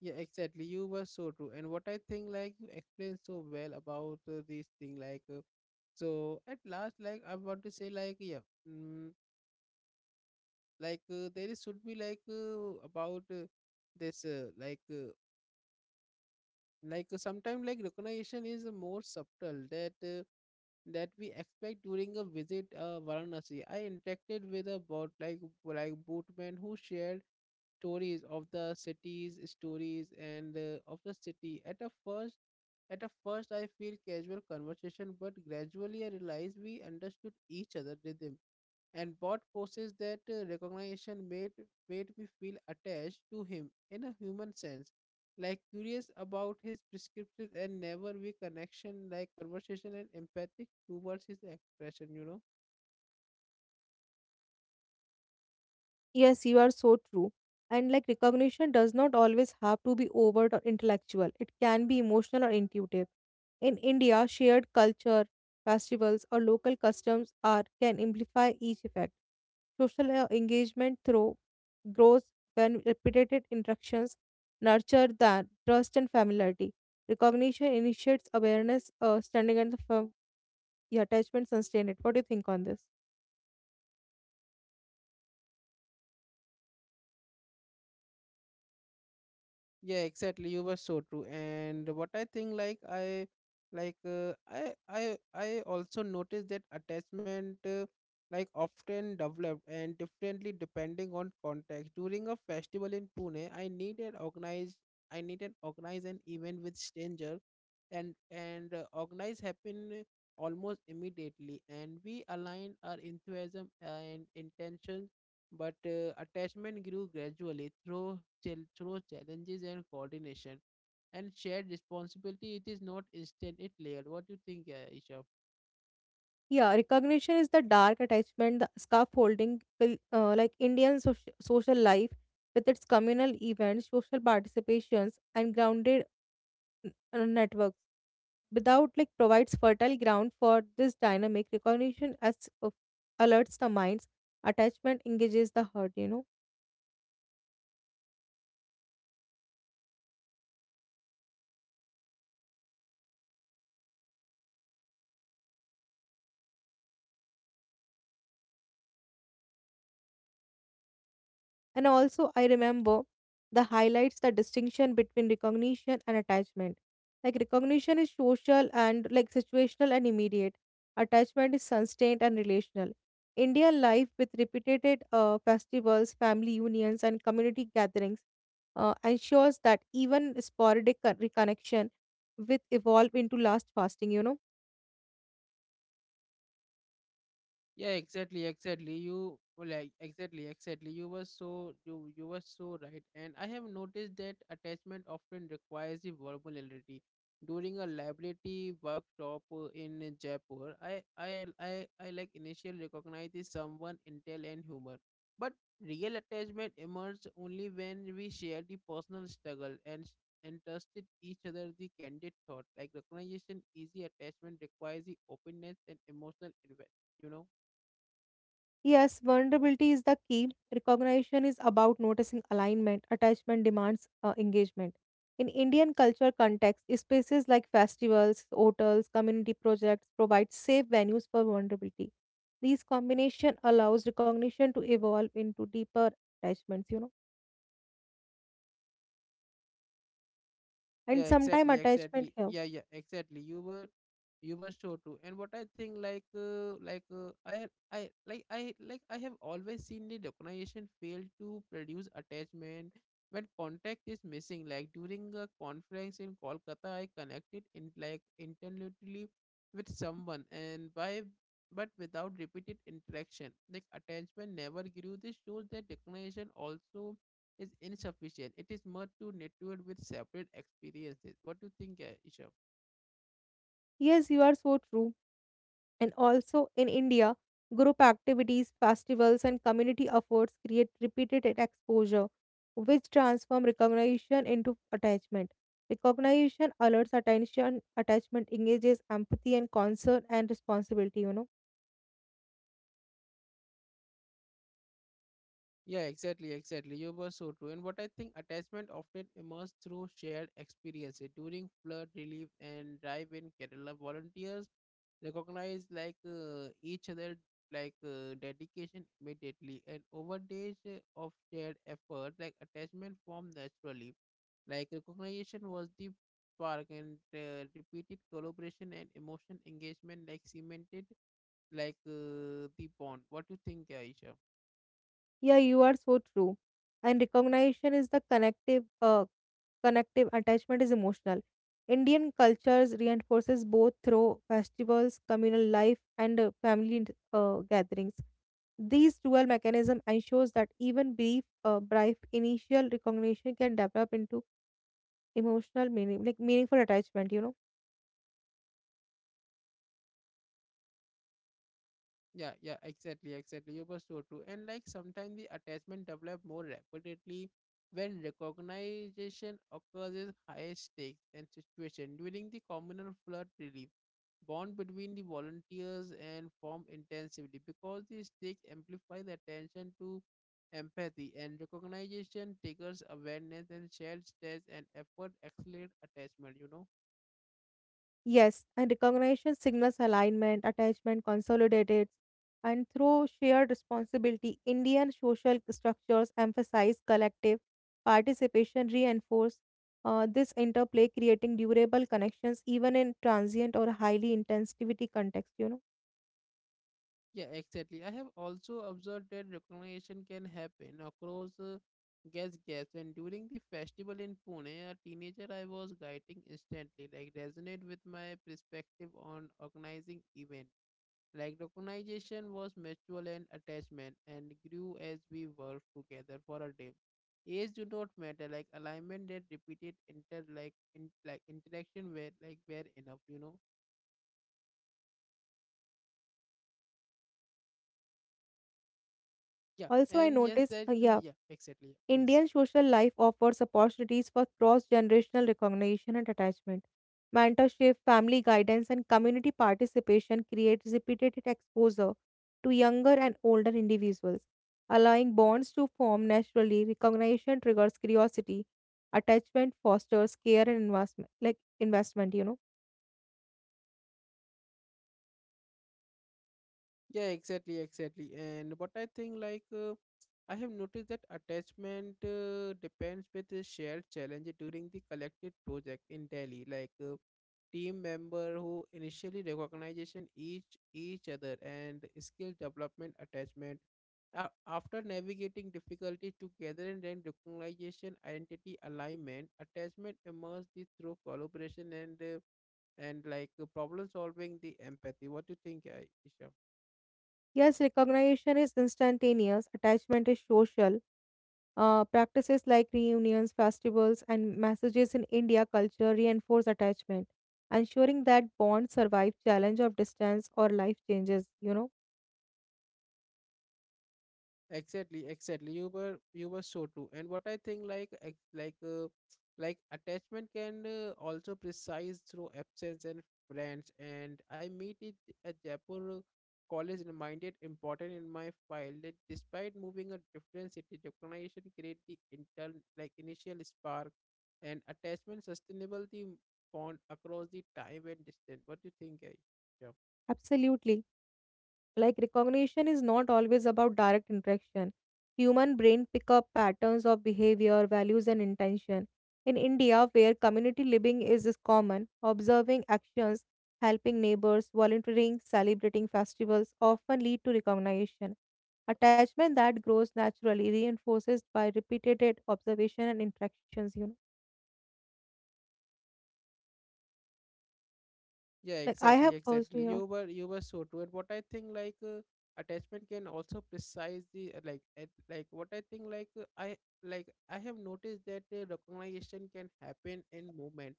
Yeah, exactly. You were so true. And what I think, like you explained so well about this thing, like so at last, like I want to say, like yeah, mm, like there is should be like about this, like sometimes like recognition is more subtle that that we expect during a visit Varanasi. I interacted with a boat like boatman who shared stories of the city's stories and of the city. At a first, I feel casual conversation, but gradually I realized we understood each other rhythm and bot posted that recognition made made me feel attached to him in a human sense like curious about his prescriptions and never we connection like conversation and empathic towards his expression you know. Yes, you are so true. And like recognition does not always have to be overt or intellectual, it can be emotional or intuitive. In India, shared culture, festivals, or local customs are can amplify each effect. Social engagement through grows when repeated interactions nurture that trust and familiarity. Recognition initiates awareness, standing at the firm, the attachment sustain it. What do you think on this? Yeah, exactly. You were so true. And what I think, like I, like I also noticed that attachment, like often developed and differently depending on context. During a festival in Pune, I need an organized an event with stranger, and organize happen almost immediately, and we align our enthusiasm and intentions but attachment grew gradually through, through challenges and coordination and shared responsibility. It is not instant, it layered. What do you think, Isha? Yeah, recognition is the dark attachment, the scaffolding, will, like Indian social life with its communal events, social participations, and grounded networks. Without like provides fertile ground for this dynamic recognition as uh, alerts the minds, attachment engages the heart. You know. And also, I remember the highlights the distinction between recognition and attachment. Like, recognition is social and like situational and immediate, attachment is sustained and relational. Indian life with repeated festivals, family unions, and community gatherings ensures that even sporadic reconnection with evolve into last fasting Yeah, exactly, exactly. You like exactly, exactly. You were so you were so right. And I have noticed that attachment often requires the verbal validity. During a liability workshop in Jaipur, I like initially recognized someone intel and humor. But real attachment emerges only when we share the personal struggle and and trusted each other the candid thought. Like recognition, easy attachment requires the openness and emotional investment, you know. Yes, vulnerability is the key. Recognition is about noticing alignment, attachment demands engagement. In Indian culture context, spaces like festivals, hotels, community projects provide safe venues for vulnerability. These combination allows recognition to evolve into deeper attachments, and Yeah sometime exactly attachment exactly here. yeah yeah exactly you were sure too and what I think like i I have always seen the recognition fail to produce attachment when contact is missing like during a conference in kolkata I connected in like internally with someone and by but without repeated interaction like attachment never grew this shows that recognition also is insufficient. It is more to network with separate experiences. What do you think, Isha? Yes, you are so true. And also in India, group activities, festivals, and community efforts create repeated exposure, which transform recognition into attachment. Recognition alerts attention, attachment engages empathy and concern and responsibility, Yeah, exactly, exactly. You were so true. And what I think attachment often emerges through shared experiences. During flood relief and drive in Kerala, volunteers recognize like each other like dedication immediately and over days of shared effort like attachment form naturally like recognition was the spark and repeated collaboration and emotion engagement like cemented like the bond what do you think aisha. Yeah, you are so true. And recognition is the connective connective attachment is emotional. Indian cultures reinforces both through festivals, communal life, and family gatherings. These dual mechanism ensures that even brief initial recognition can develop into emotional meaning, like meaningful attachment. You know. Yeah, yeah, exactly, exactly. You were so true. And like sometimes the attachment develop more rapidly when recognition occurs at high stakes and situation during the communal flood relief. Bond between the volunteers and form intensively because the stakes amplify the attention to empathy and recognition triggers awareness and shared stress and effort accelerate attachment, you know. Yes, and recognition signals alignment, attachment, consolidated, and through shared responsibility, Indian social structures emphasize collective participation, reinforce this interplay, creating durable connections even in transient or highly intensity context. You know. Yeah, exactly. I have also observed that recognition can happen across guest gaps. And during the festival in Pune, a teenager I was guiding instantly, like resonate with my perspective on organizing event. Like recognition was mutual and attachment, and grew as we worked together for a day. Age do not matter. Like alignment that repeated interaction were were enough. You know. Yeah. Also, I And yes, notice, that yeah exactly. Yeah, please. Indian social life offers opportunities for cross generational recognition and attachment. Mentorship, family guidance, and community participation create repeated exposure to younger and older individuals, allowing bonds to form naturally. Recognition triggers curiosity, attachment fosters care and investment, you know. Yeah, exactly, exactly. And what I think, like, I have noticed that attachment depends with the shared challenge during the collective project in Delhi. Like, team member who initially recognition each other and skill development attachment. After navigating difficulties together and then recognition, identity alignment, attachment emerges through collaboration and like problem solving, the empathy. What do you think, Isha? Yes, recognition is instantaneous, attachment is social, practices like reunions, festivals, and messages in India culture reinforce attachment, ensuring that bonds survive challenge of distance or life changes. You know, Exactly, exactly. You were so true. And what I think, like attachment can also precise through absence and friends. And I meet it at Jaipur college reminded important in my file that despite moving a different city, tokenization create the intern like initial spark and attachment sustainability bond across the time and distance. What do you think, guys? absolutely. Like recognition is not always about direct interaction. Human brain pick up patterns of behavior, values and intention. In India, where community living is common, observing actions, helping neighbors, volunteering, celebrating festivals often lead to recognition. Attachment that grows naturally reinforces by repeated observation and interactions, you know. Yeah, Like I exactly, have exactly. also yeah, You were so true. And what I think attachment can also precisely like at, like what I think like I like I have noticed that recognition can happen in movement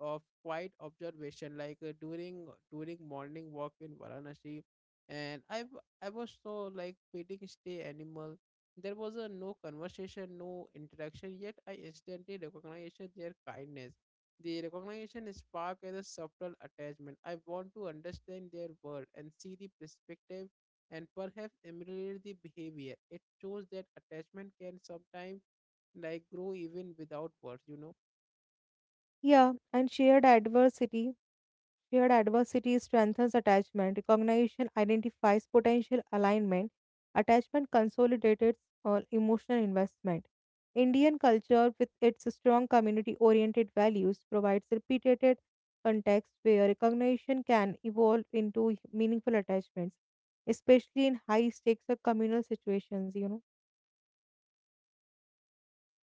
of quiet observation during morning walk in Varanasi, and I was so like feeding stay animal. There was a no conversation, no interaction, yet I instantly recognized their kindness. The recognition spark as a subtle attachment. I want to understand their world and see the perspective and perhaps emulate the behavior. It shows that attachment can sometimes like grow even without words. yeah and shared adversity. Shared adversity strengthens attachment. Recognition identifies potential alignment. Attachment consolidates emotional investment. Indian culture, with its strong community oriented values, provides repeated context where recognition can evolve into meaningful attachments, especially in high stakes or communal situations, you know.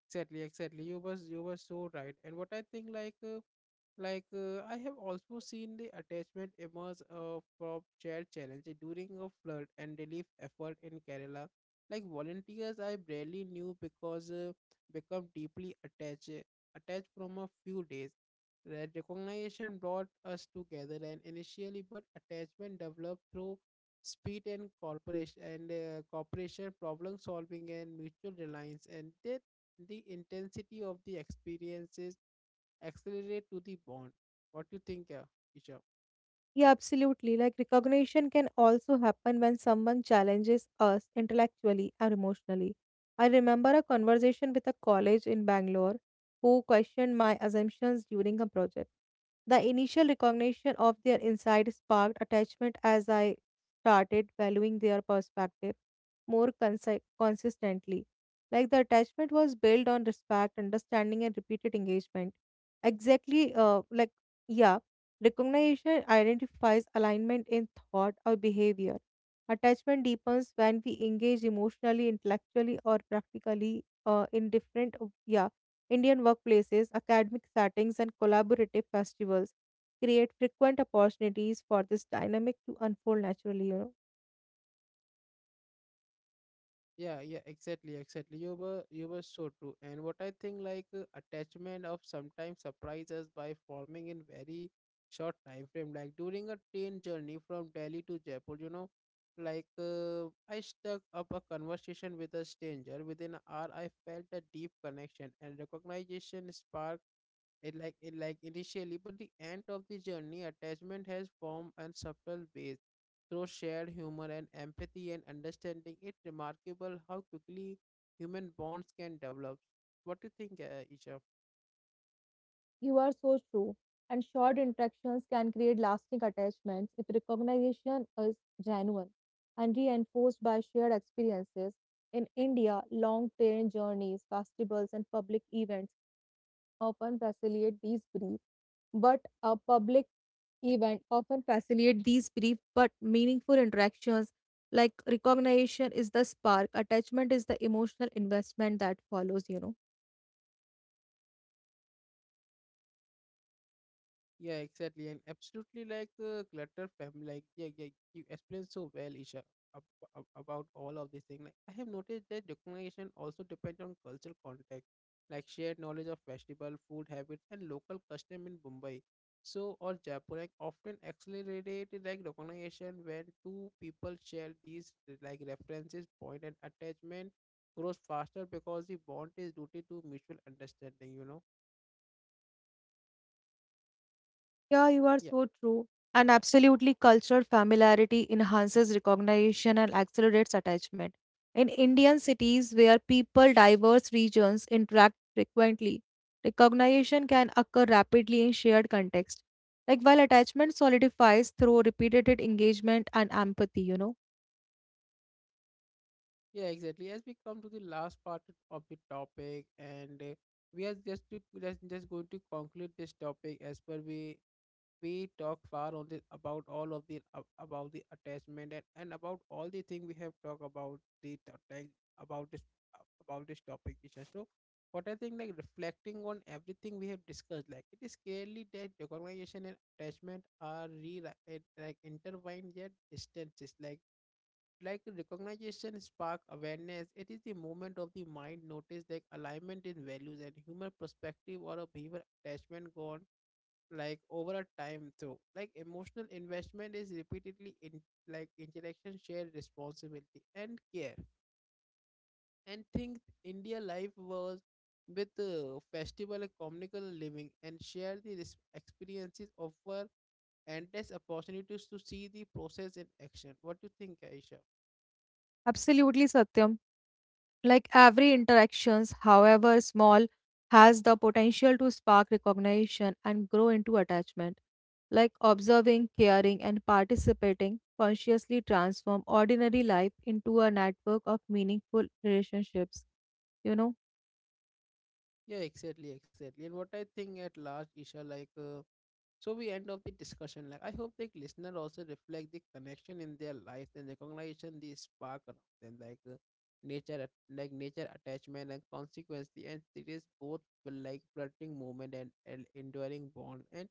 Exactly, exactly. You was you were so right. And what I think I have also seen the attachment emerge from shared challenge during a flood and relief effort in Kerala. Like volunteers, I barely knew because become deeply attached, attached from a few days. That recognition brought us together and initially, but attachment developed through speed and corporation and cooperation, problem solving, and mutual reliance, and that the intensity of the experiences accelerate to the bond. What do you think, Isha? Yeah, absolutely. Like recognition can also happen when someone challenges us intellectually or emotionally. I remember a conversation with a college in Bangalore who questioned my assumptions during a project. The initial recognition of their insight sparked attachment as I started valuing their perspective more consistently. Like the attachment was built on respect, understanding, and repeated engagement. Exactly, yeah. Recognition identifies alignment in thought or behavior. Attachment deepens when we engage emotionally, intellectually, or practically in different yeah, Indian workplaces, academic settings, and collaborative festivals create frequent opportunities for this dynamic to unfold naturally. You know. Yeah, yeah, exactly, exactly. You were so true. And what I think attachment of sometimes surprise us by forming in very short time frame. Like during a train journey from Delhi to Jaipur, you know, I stuck up a conversation with a stranger. Within an hour, I felt a deep connection and recognition spark it like initially, but the end of the journey attachment has form and subtle ways through shared humor and empathy and understanding. It's remarkable how quickly human bonds can develop. What do you think, Isha? You are so true. And short interactions can create lasting attachments if recognition is genuine and reinforced by shared experiences. In India, long train journeys, festivals, and public events often facilitate these brief, but a public event often facilitate these brief but meaningful interactions. Like recognition is the spark, attachment is the emotional investment that follows, you know. Yeah, exactly, and absolutely clutter fam. Like, yeah, yeah, you explained so well, Isha, ab- about all of these things. Like, I have noticed that recognition also depends on cultural context, like shared knowledge of festival, food habits, and local custom in Mumbai. So, or Jaipur, like often accelerated like recognition when two people share these like references, point, and attachment grows faster because the bond is rooted to mutual understanding. You know, Yeah, you are yeah. so true. And absolutely, cultural familiarity enhances recognition and accelerates attachment. In Indian cities where people diverse regions interact frequently, recognition can occur rapidly in shared context. Like while attachment solidifies through repeated engagement and empathy, you know. Yeah, exactly. As we come to the last part of the topic, and we are just just going to conclude this topic as per we talk far on this about all of the about the attachment and about all the thing we have talked about the like, about this about this topic, Isha. So, what I think like reflecting on everything we have discussed, like it is clearly that recognition and attachment are re like intertwined yet distances. Like recognition spark awareness. It is the movement of the mind notice like alignment in values and human perspective or a behavior. Attachment gone like over a time through like emotional investment is repeatedly in like interaction, shared responsibility and care. And think india life was with the festival and communal living and share the experiences offer endless opportunities to see the process in action. What do you think, aisha? Absolutely, Satyam. Like every interactions, however small, has the potential to spark recognition and grow into attachment. Like observing, caring, and participating consciously transform ordinary life into a network of meaningful relationships. You know, Yeah, exactly, exactly. And what I think at last, Isha, so we end of the discussion like I hope the listener also reflect the connection in their lives and recognition the spark around them nature like nature attachment and consequently, and it is both will like fluttering movement and an enduring bond. And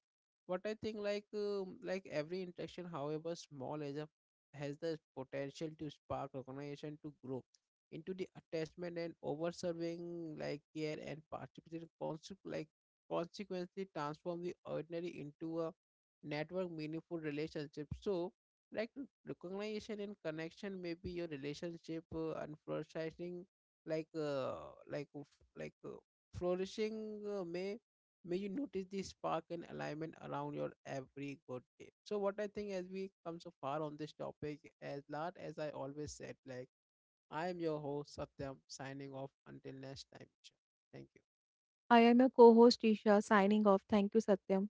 what I think like every interaction however small is a has the potential to spark recognition to grow into the attachment and over serving like care and participation constant like consequently transform the ordinary into a network meaningful relationship. So recognition and connection may be your relationship and flourishing like uh, like f- like uh, flourishing may you notice the spark and alignment around your every good day. So what I think as we come so far on this topic as lot as I always said, like I am your host Satyam, signing off until next time, Isha. Thank you. I am your co-host Isha signing off. Thank you, Satyam.